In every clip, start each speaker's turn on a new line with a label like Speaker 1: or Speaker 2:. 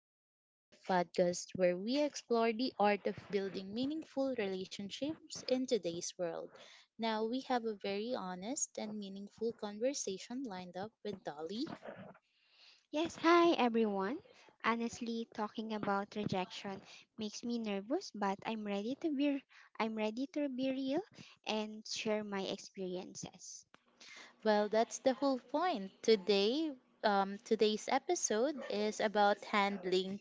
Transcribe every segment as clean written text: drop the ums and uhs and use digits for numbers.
Speaker 1: Unplugged, the podcast where we explore the art of building meaningful relationships in today's world. Now, we have a very honest and meaningful conversation lined up with Dolly.
Speaker 2: On and talk about rejection. Make me nervous, but I'm
Speaker 1: Well, that's the whole point. Today's episode is about handling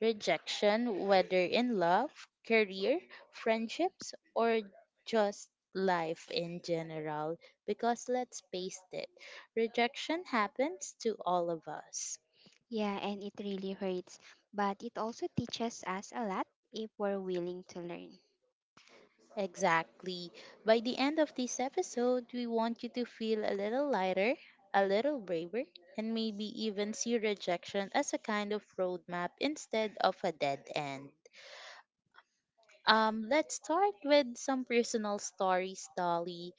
Speaker 1: rejection, whether in love, career, friendships, or just life in general, because let's face it, rejection happens to all of us.
Speaker 2: yeah, and it really hurts. But it also teaches us a lot if we're willing to learn.
Speaker 1: Exactly. By the end of this episode, we want you to feel a little lighter, a little braver, and maybe even see rejection as a kind of roadmap instead of a dead end. Let's start with some personal stories, Dolly.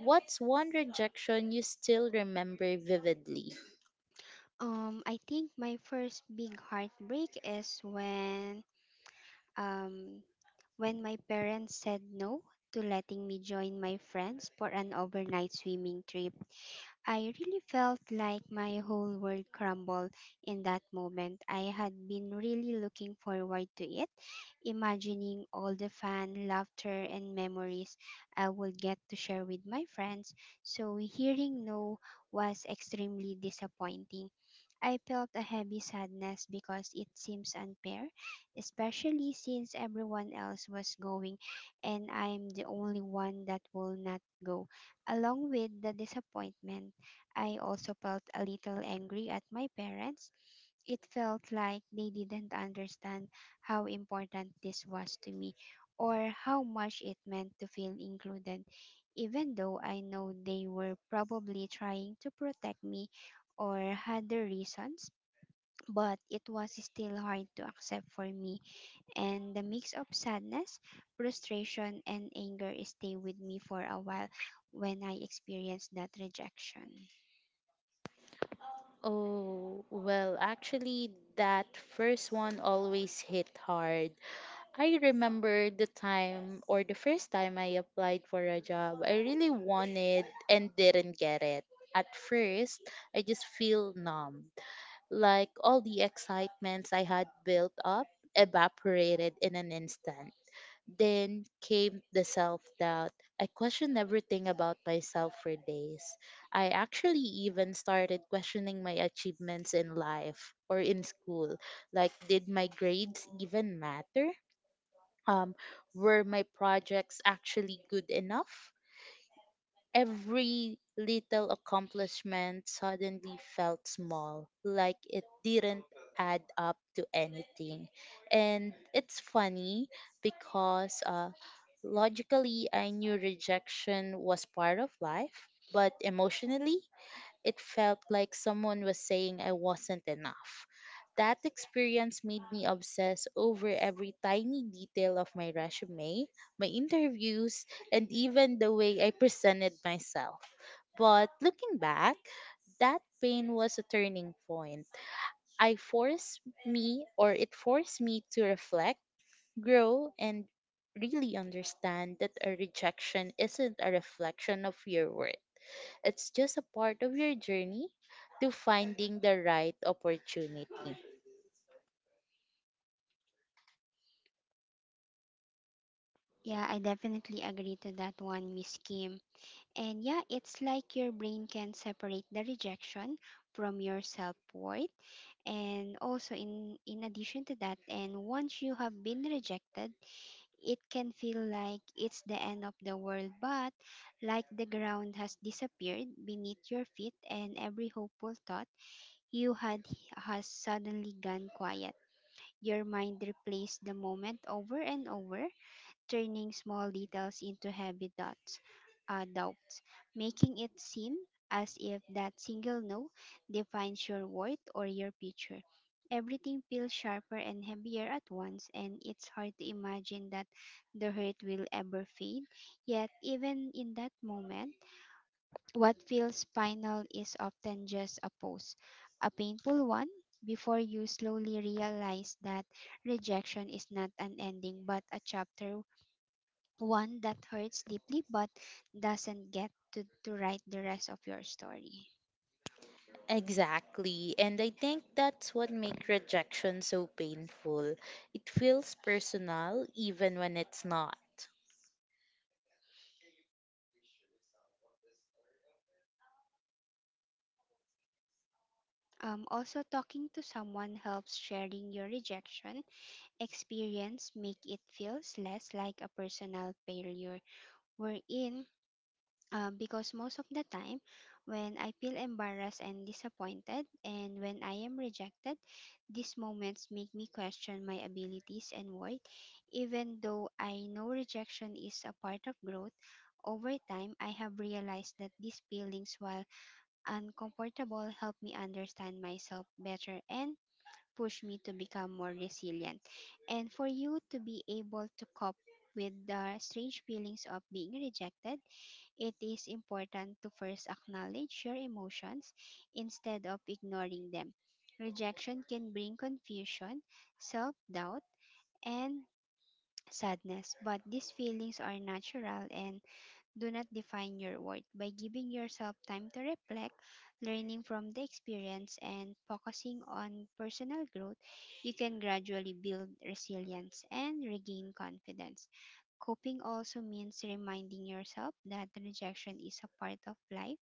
Speaker 1: What's one rejection you still remember vividly?
Speaker 2: I think my first big heartbreak is um when my parents said no to letting me join my friends for an overnight swimming trip. I really felt like my whole world crumbled in that moment. I had been really looking forward to it, imagining all the fun, laughter, and memories I will get to share with my friends. So, hearing no was extremely disappointing. I felt a heavy sadness because it seems unfair, especially since everyone else was going and I'm the only one that will not go. Along with the disappointment, I also felt a little angry at my parents. It felt like they didn't understand how important this was to me or how much it meant to feel included, even though I know they were probably trying to protect me or had their reasons. But it was still hard to accept for me, and the mix of sadness, frustration, and anger stayed with me for a while when I experienced that rejection.
Speaker 1: Oh, well, actually, that first one always hit hard. I remember the time or the first time I applied for a job, I really wanted and didn't get it. At first, I just feel numbed, like all the excitements I had built up evaporated in an instant. Then came the self doubt. I questioned everything about myself for days. I actually even started questioning my achievements in life or in school. Like, did my grades even matter? Um, were my projects actually good enough? Every little accomplishment suddenly felt small, like it didn't add up to anything. And it's funny because logically I knew rejection was part of life, but emotionally, it felt like someone was saying I wasn't enough. That experience made me obsess over every tiny detail of my resume, my interviews, and even the way I presented myself. But looking back, that pain was a turning point. I forced me, or it forced me to reflect, grow, and really understand that a rejection isn't a reflection of your worth, it's just a part of your journey to finding the right opportunity.
Speaker 2: Yeah, I definitely agree to that one, Miss Kim. And yeah, it's like your brain can separate the rejection from your self-worth. And also in addition to that, and once you have been rejected, it can feel like it's the end of the world, but like the ground has disappeared beneath your feet and every hopeful thought you had has suddenly gone quiet. Your mind replays the moment over and over, turning small details into heavy dots, doubts, making it seem as if that single no defines your worth or your future. Everything feels sharper and heavier at once, and it's hard to imagine that the hurt will ever fade. Yet, even in that moment, what feels final is often just a pause, a painful one, before you slowly realize that rejection is not an ending but a chapter, one that hurts deeply but doesn't get to write the rest of your story.
Speaker 1: Exactly. And I think that's what makes rejection so painful. It feels personal even when it's not.
Speaker 2: Also, talking to someone helps; sharing your rejection experience make it feels less like a personal failure. We're in because most of the time, when I feel embarrassed and disappointed, and when I am rejected, these moments make me question my abilities and worth. Even though I know rejection is a part of growth, over time I have realized that these feelings, while uncomfortable, help me understand myself better and push me to become more resilient. And for you to be able to cope with the strange feelings of being rejected, it is important to first acknowledge your emotions instead of ignoring them. Rejection can bring confusion, self doubt, and sadness, but these feelings are natural and do not define your worth. By giving yourself time to reflect, learning from the experience, and focusing on personal growth, you can gradually build resilience and regain confidence. Coping also means reminding yourself that rejection is a part of life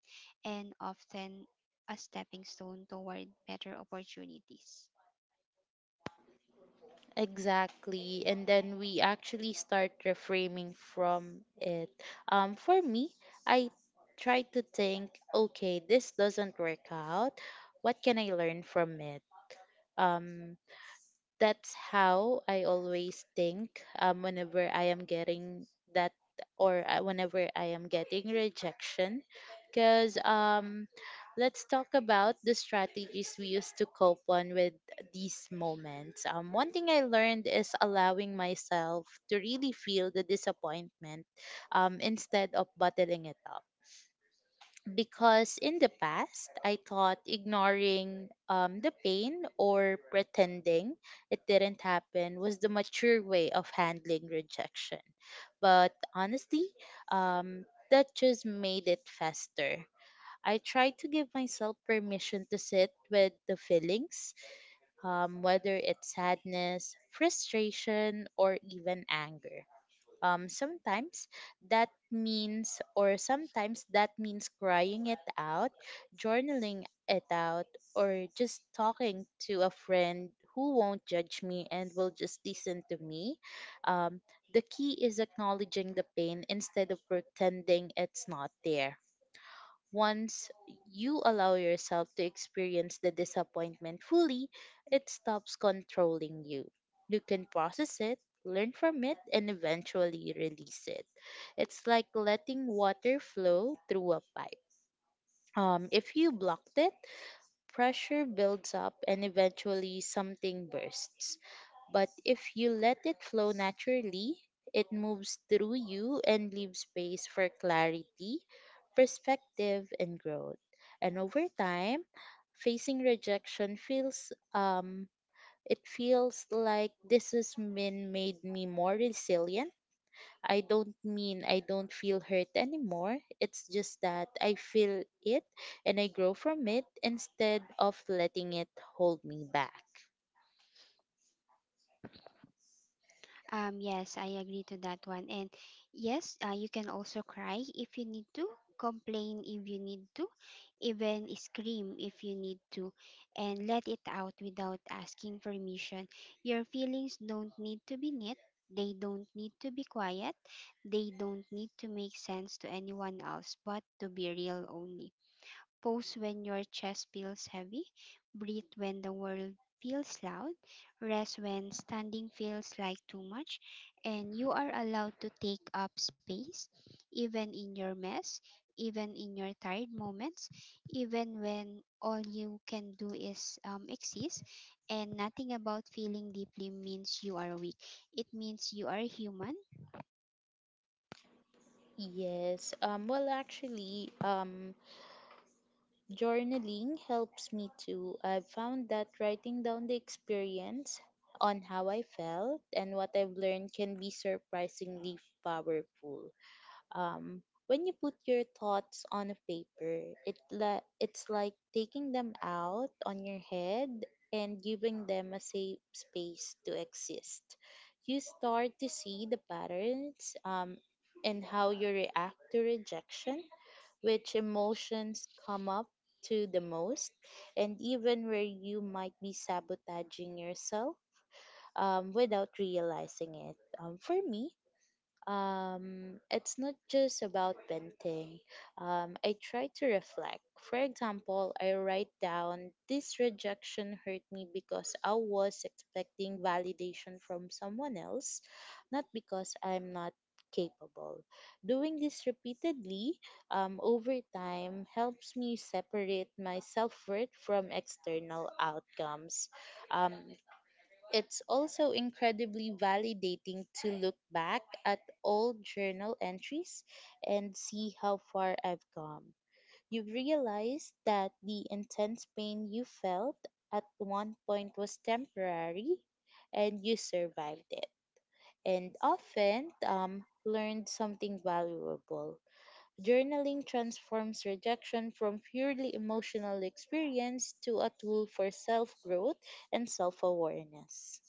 Speaker 2: and often a stepping stone toward better opportunities.
Speaker 1: Exactly. And then we actually start reframing from it. For me, I try to think, okay, this doesn't work out. What can I learn from it? Um, that's how I always think, whenever I am getting that or whenever I am getting rejection. Because let's talk about the strategies we used to cope on with these moments. One thing I learned is allowing myself to really feel the disappointment, instead of bottling it up because in the past, I thought ignoring, the pain or pretending it didn't happen was the mature way of handling rejection. But honestly, um, that just made it faster. I tried to give myself permission to sit with the feelings, whether it's sadness, frustration, or even anger, um, sometimes sometimes that means crying it out, journaling it out, or just talking to a friend who won't judge me and will just listen to me. Um, the key is acknowledging the pain instead of pretending it's not there. Once you allow yourself to experience the disappointment fully, it stops controlling you. You can process it, learn from it, and eventually release it. It's like letting water flow through a pipe. If you blocked it, pressure builds up and eventually something bursts. But if you let it flow naturally, it moves through you and leaves space for clarity, perspective, and growth. And over time, facing rejection feels it feels like this has been made me more resilient. I don't mean I don't feel hurt anymore. It's just that I feel it and I grow from it instead of letting it hold me back.
Speaker 2: Yes, I agree to that one. And yes, you can also cry if you need to, complain if you need to, even scream if you need to, and let it out without asking permission. Your feelings don't need to be neat. They don't need to be quiet. They don't need to make sense to anyone else, but to be real only. Pose when your chest feels heavy, breathe when the world feels loud, rest when standing feels like too much, and you are allowed to take up space, even in your mess, even in your tired moments, even when all you can do is exist, and nothing about feeling deeply means you are weak. It means you are human.
Speaker 1: Yes. Journaling helps me too. I've found that writing down the experience on how I felt and what I've learned can be surprisingly powerful. When you put your thoughts on a paper, it's like taking them out on your head and giving them a safe space to exist. You start to see the patterns, and how you react to rejection, which emotions come up to the most, and even where you might be sabotaging yourself, without realizing it. For me, it's not just about venting. I try to reflect. For example, I write down this rejection hurt me because I was expecting validation from someone else, not because I'm not capable. Doing this repeatedly, over time helps me separate my self worth from external outcomes. Um, it's also incredibly validating to look back at old journal entries and see how far I've come. You realize that the intense pain you felt at one point was temporary and you survived it. And often, learned something valuable. Journaling transforms rejection from purely emotional experience to a tool for self growth and self awareness.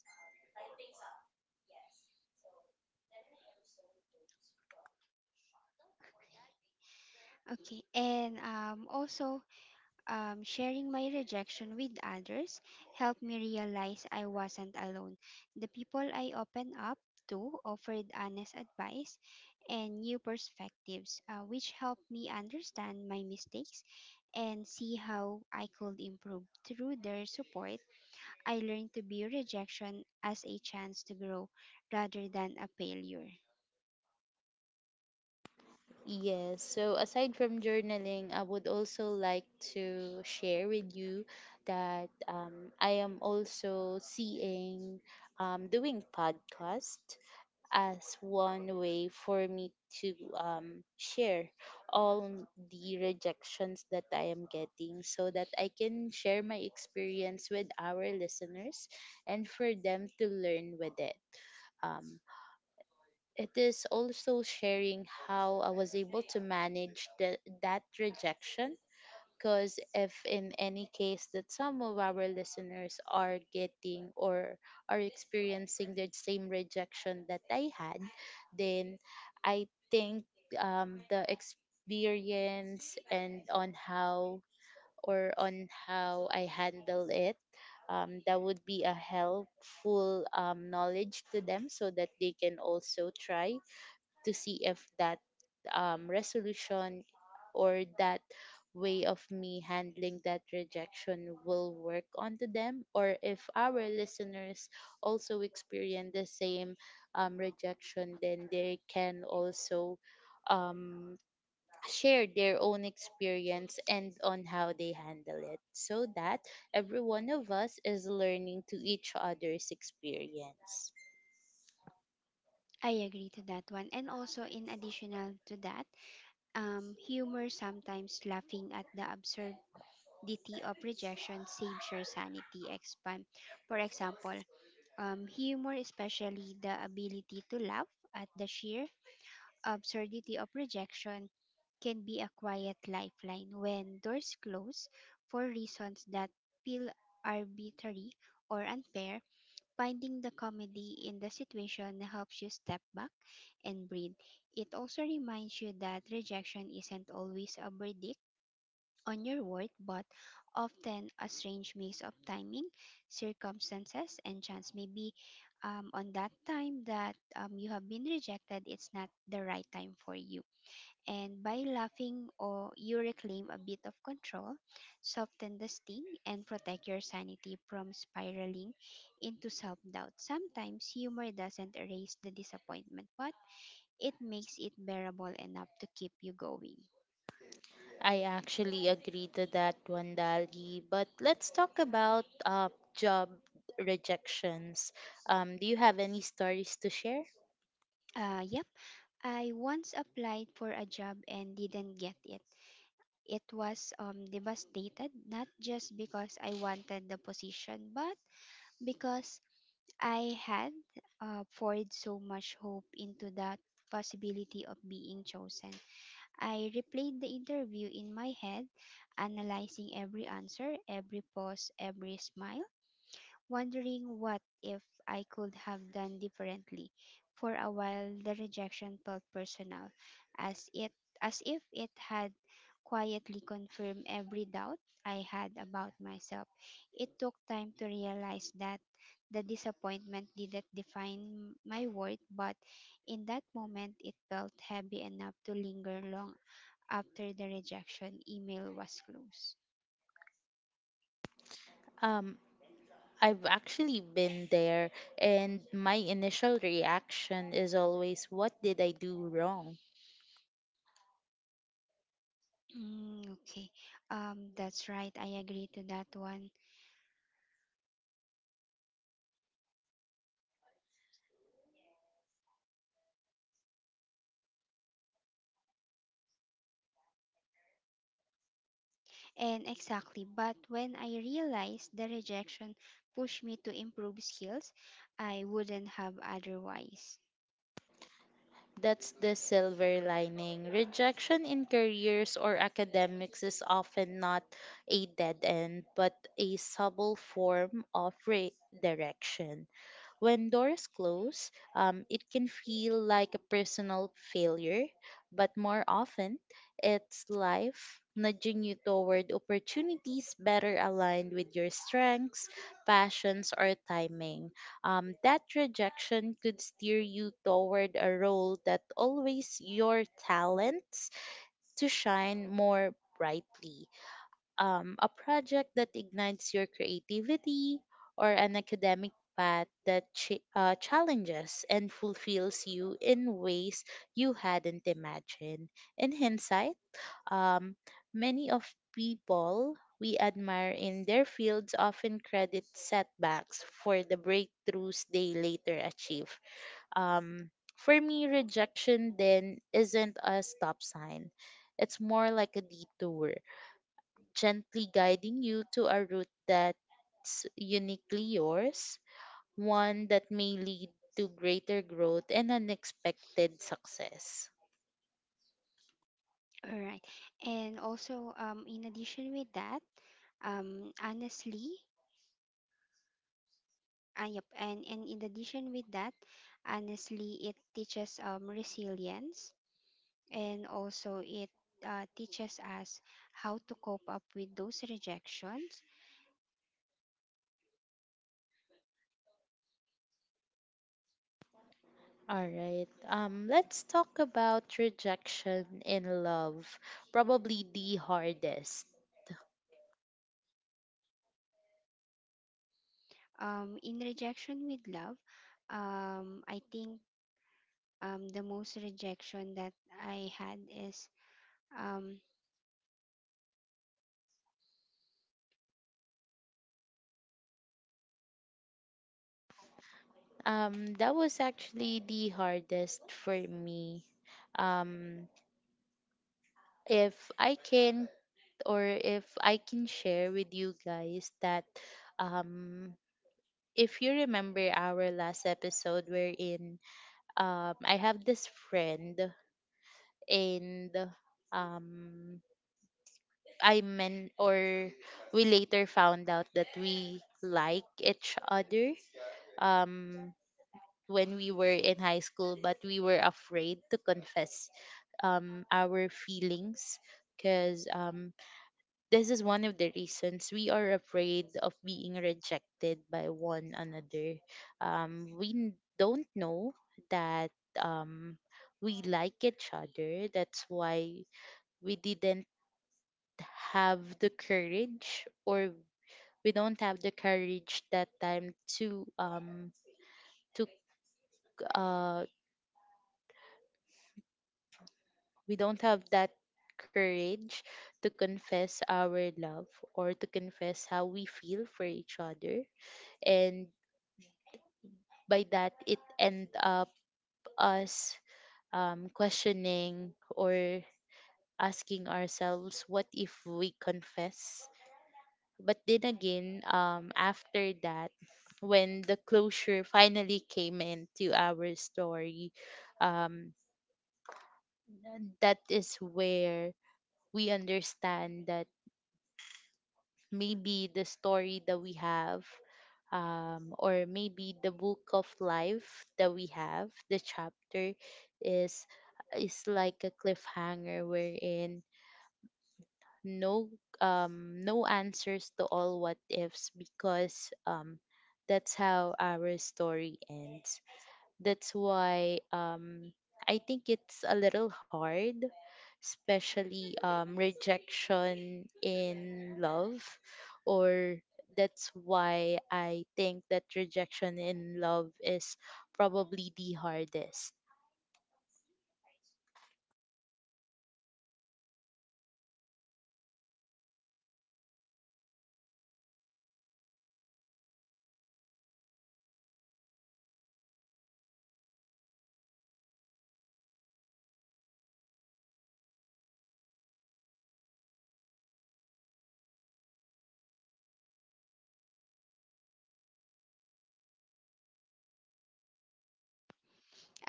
Speaker 2: Okay, and also sharing my rejection with others helped me realize I wasn't alone. The people I opened up to offered honest advice and new perspectives, which helped me understand my mistakes and see how I could improve. Through their support, I learned to view rejection as a chance to grow rather than a failure.
Speaker 1: Yes, so aside from journaling, I would also like to share with you that, I am also seeing, doing podcast as one way for me to, share all the rejections that I am getting so that I can share my experience with our listeners and for them to learn with it. Um, it is also sharing how I was able to manage the, that rejection because if in any case that some of our listeners are getting or are experiencing the same rejection that I had, then I think, the experience and on how I handle it, that would be a helpful, knowledge to them so that they can also try to see if that, resolution or that way of me handling that rejection will work onto them, or if our listeners also experience the same, rejection, then they can also, um, share their own experience and on how they handle it so that every one of us is learning to each other's experience.
Speaker 2: I agree to that one. And also, in additional to that, humor, sometimes laughing at the absurdity of rejection, saves your sanity expand. For example, humor, especially the ability to laugh at the sheer absurdity of rejection, can be a quiet lifeline when doors close for reasons that feel arbitrary or unfair. Finding the comedy in the situation helps you step back and breathe. It also reminds you that rejection isn't always a verdict on your worth, but often a strange mix of timing, circumstances, and chance. Maybe on that time that you have been rejected, it's not the right time for you, and by laughing or you reclaim a bit of control, soften the sting and protect your sanity from spiraling into self-doubt. Sometimes humor doesn't erase the disappointment, but it makes it bearable enough to keep you going.
Speaker 1: I actually agree to that one, Dali. But let's talk about job rejections. Do you have any stories to share?
Speaker 2: Yep, I once applied for a job and didn't get it. It was devastated, not just because I wanted the position, but because I had poured so much hope into that possibility of being chosen. I replayed the interview in my head, analyzing every answer, every pause, every smile, wondering what if I could have done differently. For a while, the rejection felt personal, as it as if it had quietly confirmed every doubt I had about myself. It took time to realize that the disappointment didn't define my worth, but in that moment it felt heavy enough to linger long after the rejection email was closed.
Speaker 1: Um, I've actually been there, and my initial reaction is always, what did I do wrong?
Speaker 2: Mm, okay. That's right. I agree to that one. And exactly. But when I realized the rejection pushed me to improve skills, I wouldn't have otherwise.
Speaker 1: That's the silver lining. Rejection in careers or academics is often not a dead end, but a subtle form of redirection. When doors close, it can feel like a personal failure, but more often, it's life nudging you toward opportunities better aligned with your strengths, passions, or timing. That rejection could steer you toward a role that always your talents to shine more brightly, a project that ignites your creativity, or an academic path that challenges and fulfills you in ways you hadn't imagined. In hindsight, um, many of people we admire in their fields often credit setbacks for the breakthroughs they later achieve. Um, for me, rejection then isn't a stop sign. It's more like a detour gently guiding you to a route that's uniquely yours, one that may lead to greater growth and unexpected success.
Speaker 2: All right. And also, in addition with that, honestly, yep, and in addition with that, honestly, it teaches resilience, and also it teaches us how to cope up with those rejections.
Speaker 1: All right. Let's talk about rejection in love. Probably the hardest.
Speaker 2: In rejection with love, I think the most rejection that I had is um,
Speaker 1: That was actually the hardest for me. Um if I can if I can share with you guys that, um if you remember our last episode wherein, I have this friend, and um I meant or we later found out that we like each other, um when we were in high school but we were afraid to confess, our feelings, because this is one of the reasons we are afraid of being rejected by one another. We don't know that, um, we like each other. That's why we didn't have the courage, or we don't have the courage that time to, to c- uh we don't have that courage to confess our love or to confess how we feel for each other, and by that it end up us, questioning or asking ourselves what if we confess, but then again, after that when the closure finally came into our story, um, that is where we understand that maybe the story that we have, or maybe the book of life that we have the chapter is is like a cliffhanger wherein no, no answers to all what ifs because, that's how our story ends. That's why, I think it's a little hard, especially, rejection in love. Or that's why I think that rejection in love is probably the hardest.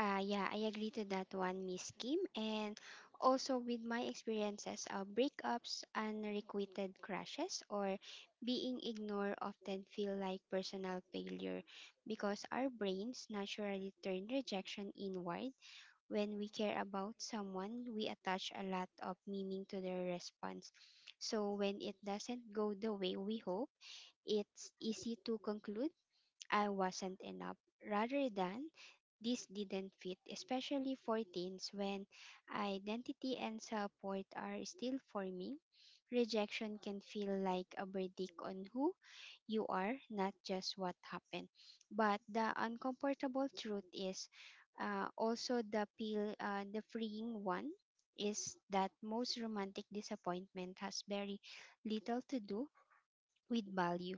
Speaker 2: yeah, I agree to that one, Miss Kim, and also with my experiences, breakups, unrequited crushes, or being ignored often feel like personal failure because our brains naturally turn rejection inward. When we care about someone, we attach a lot of meaning to their response. So when it doesn't go the way we hope, it's easy to conclude I wasn't enough. Rather than this didn't fit, especially for teens when identity and support are still forming. Rejection can feel like a verdict on who you are, not just what happened. But the uncomfortable truth is also the peel, the freeing one, is that most romantic disappointment has very little to do with value.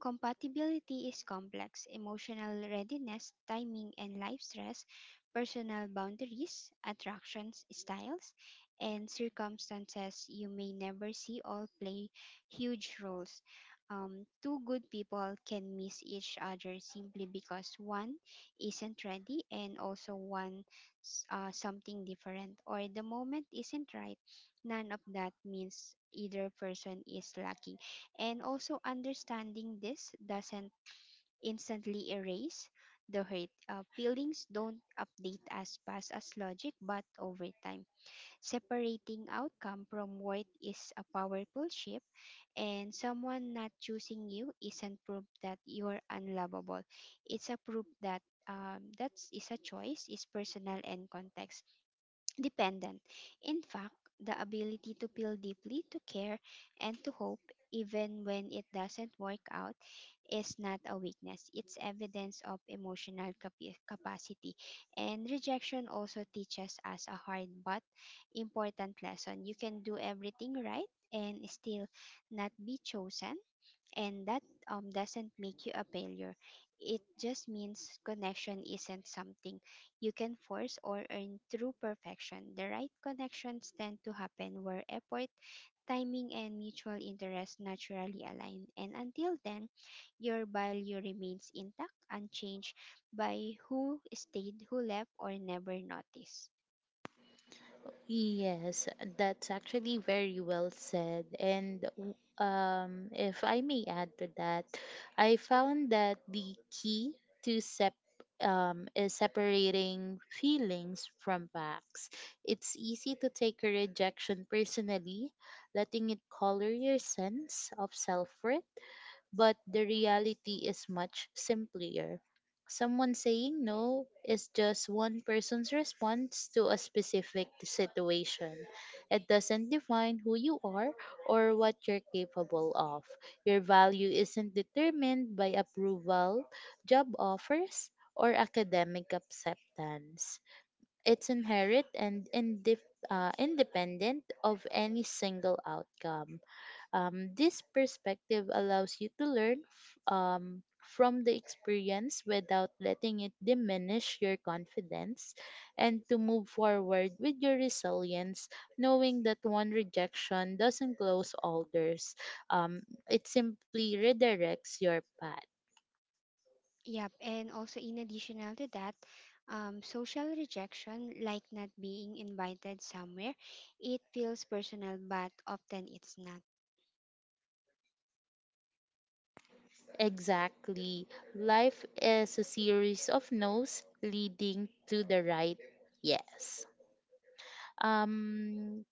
Speaker 2: Compatibility is complex. Emotional readiness, timing and life stress, personal boundaries, attractions, styles, and circumstances you may never see all play huge roles. Two good people can miss each other simply because one isn't ready and also one something different or the moment isn't right. None of that means either person is lacking, and also understanding this doesn't instantly erase the hurt. Feelings don't update as fast as logic, but over time. Separating outcome from worth is a powerful shift, and someone not choosing you isn't proof that you're unlovable. It's a proof that that is a choice, is personal and context dependent. In fact, the ability to feel deeply, to care, and to hope, even when it doesn't work out, is not a weakness. It's evidence of emotional capacity. And rejection also teaches us a hard but important lesson. You can do everything right and still not be chosen, and that doesn't make you a failure. It just means connection isn't something you can force or earn through perfection. The right connections tend to happen where effort, timing, and mutual interest naturally align. And until then, your value remains intact, unchanged by who stayed, who left, or never noticed.
Speaker 1: Yes, that's actually very well said. And if I may add to that, I found that the key to sep is separating feelings from facts. It's easy to take a rejection personally, letting it color your sense of self worth, but the reality is much simpler. Someone saying no is just one person's response to a specific situation. It doesn't define who you are or what you're capable of. Your value isn't determined by approval, job offers, or academic acceptance. It's inherent and independent of any single outcome. This perspective allows you to learn from the experience without letting it diminish your confidence and to move forward with your resilience, knowing that one rejection doesn't close all doors. Um, it simply redirects your path.
Speaker 2: Yep, and also in additional to that, social rejection, like not being invited somewhere, it feels personal, but often it's not.
Speaker 1: Exactly. Life is a series of no's leading to the right yes. Um,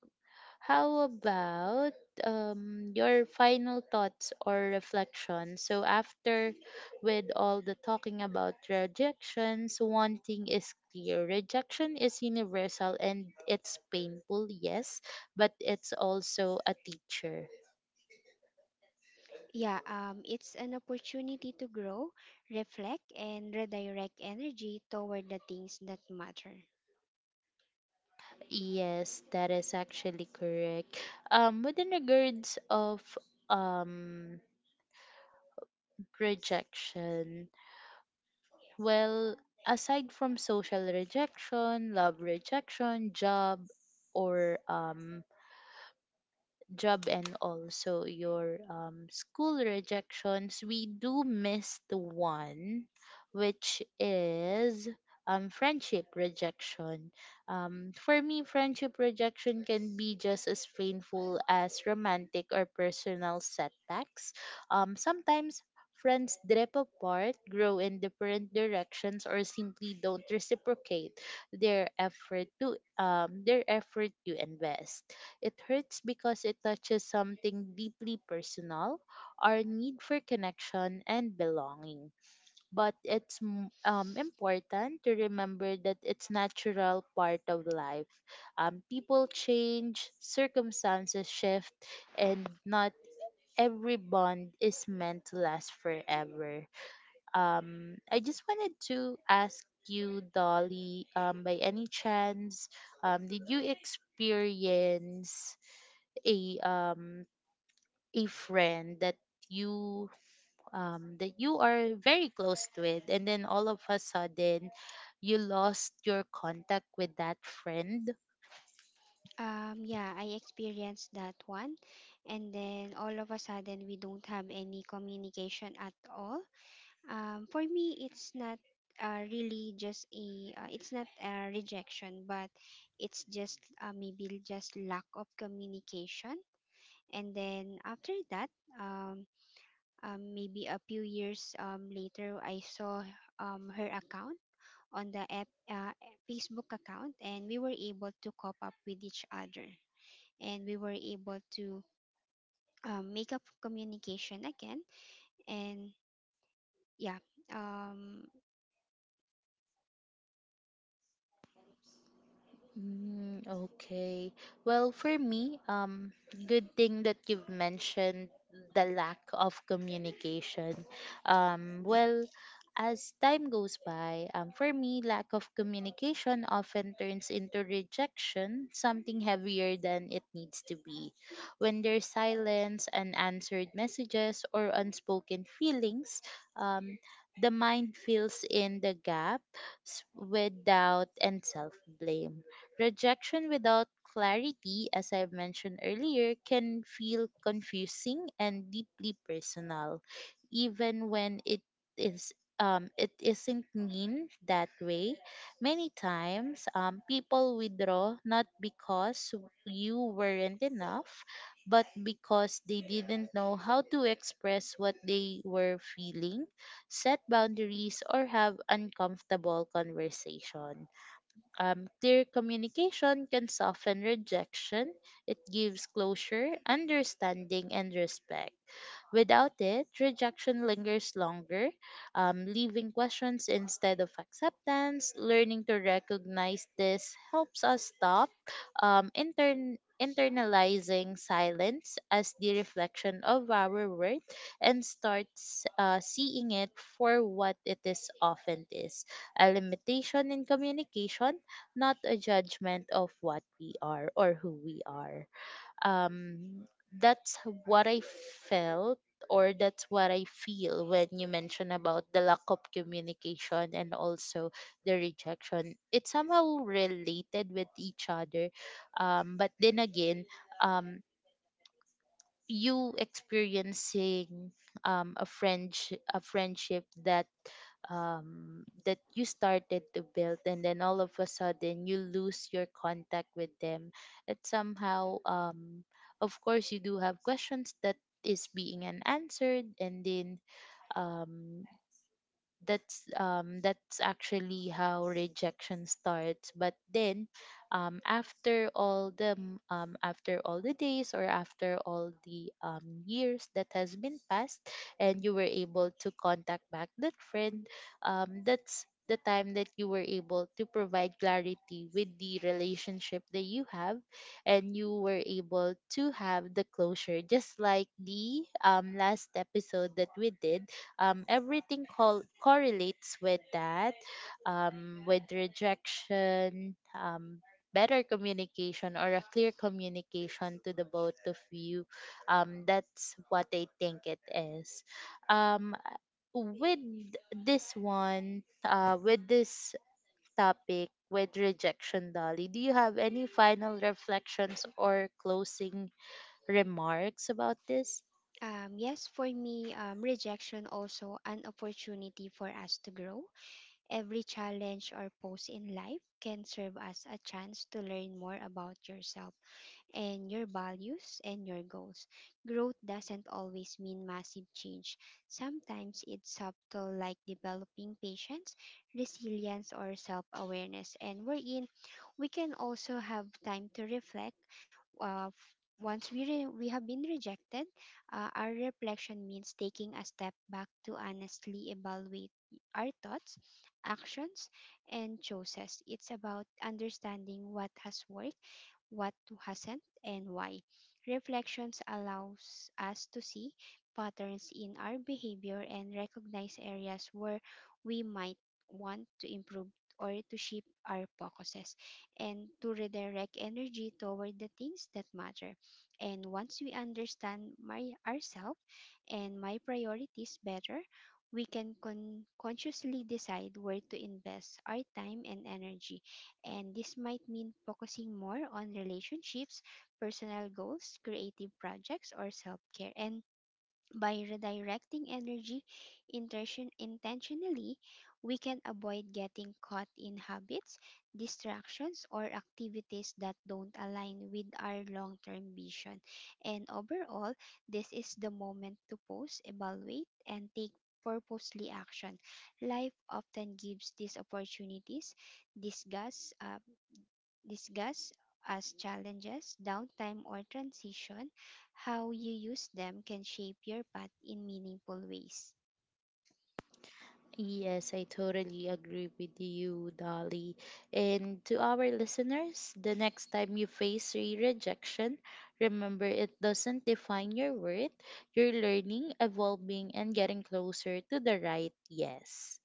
Speaker 1: how about your final thoughts or reflections? So, after with all the talking about rejections, one thing is clear: rejection is universal and it's painful, yes, but it's also a teacher.
Speaker 2: Yeah, it's an opportunity to grow, reflect, and redirect energy toward the things that matter.
Speaker 1: Yes, that is actually correct. Within regards of um rejection, well, aside from social rejection, love rejection, job, or job and also your school rejections, we do miss the one, which is friendship rejection. For me, friendship rejection can be just as painful as romantic or personal setbacks. Sometimes friends drip apart, grow in different directions, or simply don't reciprocate their effort to invest. It hurts because it touches something deeply personal, our need for connection and belonging. But it's important to remember that it's natural part of life. People change, circumstances shift, and not every bond is meant to last forever. I just wanted to ask you, Dolly, by any chance, did you experience a um a friend you that you are very close with, and then all of a sudden you lost your contact with that friend?
Speaker 2: Yeah, I experienced that one, and then all of a sudden we don't have any communication at all. For me, it's not really just a it's not a rejection, but it's just maybe just lack of communication. And then after that, um, maybe a few years later, I saw her account on the app, Facebook account, and we were able to cop up with each other, and we were able to make up communication again. And yeah, um,
Speaker 1: Mm, okay. Well, for me, good thing that you've mentioned the lack of communication. Well, as time goes by, for me, lack of communication often turns into rejection, something heavier than it needs to be. When there's silence, unanswered messages, or unspoken feelings, um, the mind fills in the gap with doubt and self blame. Rejection without clarity, as I've mentioned earlier, can feel confusing and deeply personal, even when is it isn't mean that way. Many times, people withdraw not because you weren't enough, but because they didn't know how to express what they were feeling, set boundaries, or have uncomfortable conversations. Clear communication can soften rejection, it gives closure, understanding, and respect. Without it, rejection lingers longer, leaving questions instead of acceptance. Learning to recognize this helps us stop internalizing silence as the reflection of our worth, and starts seeing it for what it is often is: a limitation in communication, not a judgment of what we are or who we are. um, that's what I felt, or that's what I feel when you mention about the lack of communication and also the rejection. It's somehow related with each other. But then again, um, you experiencing a friend a friendship that that you started to build, and then all of a sudden you lose your contact with them, it somehow of course you do have questions that is being unanswered, and then um, that's actually how rejection starts. But then after all the days or after all the years that has been passed and you were able to contact back that friend, that's the time that you were able to provide clarity with the relationship that you have, and you were able to have the closure just like the last episode that we did. Everything correlates with that, with rejection, better communication or a clear communication to the both of you. That's what I think it is. Um, with this one, with this topic, with rejection, Dolly, do you have any final reflections or closing remarks about this?
Speaker 2: Yes, for me, rejection also an opportunity for us to grow. Every challenge or pose in life can serve as a chance to learn more about yourself and your values and your goals. Growth doesn't always mean massive change. Sometimes it's subtle, like developing patience, resilience, or self awareness. And we're in, we can also have time to reflect. Uh, f- once we have been rejected, our reflection means taking a step back to honestly evaluate our thoughts, actions, and choices. It's about understanding what has worked, what hasn't, and why. Reflections allows us to see patterns in our behavior and recognize areas where we might want to improve or to shift our focuses and to redirect energy toward the things that matter. And once we understand my ourselves and my priorities better, we can consciously decide where to invest our time and energy, and this might mean focusing more on relationships, personal goals, creative projects, or self care. And by redirecting energy intentionally, we can avoid getting caught in habits, distractions, or activities that don't align with our long term vision. And overall, this is the moment to pause, evaluate, and take purposely action. Life often gives these opportunities discuss, uh, Discuss as challenges, downtime, or transition, how you use them can shape your path in meaningful ways.
Speaker 1: Yes, I totally agree with you, Dolly. And to our listeners, the next time you face re rejection, remember it doesn't define your worth. You're learning, evolving, and getting closer to the right yes.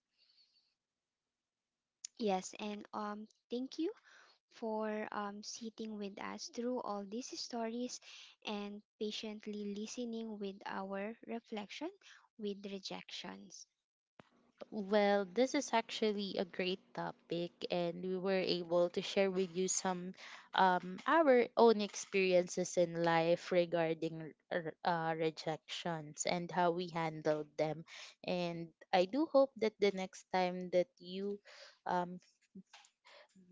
Speaker 2: Yes, and thank you for sitting with us through all these stories and patiently listening with our reflection with rejections.
Speaker 1: Well, this is actually a great topic, and we were able to share with you some our own experiences in life regarding rejections and how we handled them. And I do hope that the next time that you um,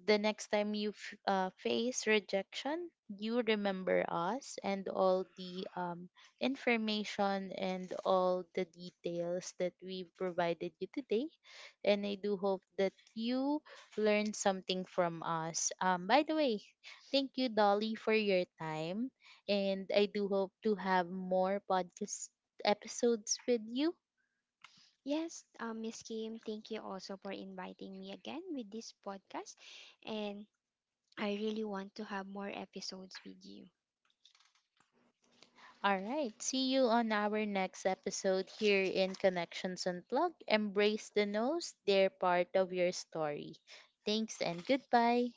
Speaker 1: the next time you face rejection, you remember us and all the information and all the details that we provided you today. And I do hope that you learned something from us. By the way, thank you, Dolly, for your time. And I do hope to have more podcast episodes with you.
Speaker 2: Yes, Miss Kim, thank you also for inviting me again with this podcast, and
Speaker 1: I
Speaker 2: I
Speaker 1: really
Speaker 2: really
Speaker 1: want
Speaker 2: want
Speaker 1: to
Speaker 2: to have
Speaker 1: have
Speaker 2: more
Speaker 1: more episodes.
Speaker 2: episodes with you.
Speaker 1: All right. See you on our next episode here in Connections Unplugged. Embrace the nose, they're part of your story. Thanks and goodbye.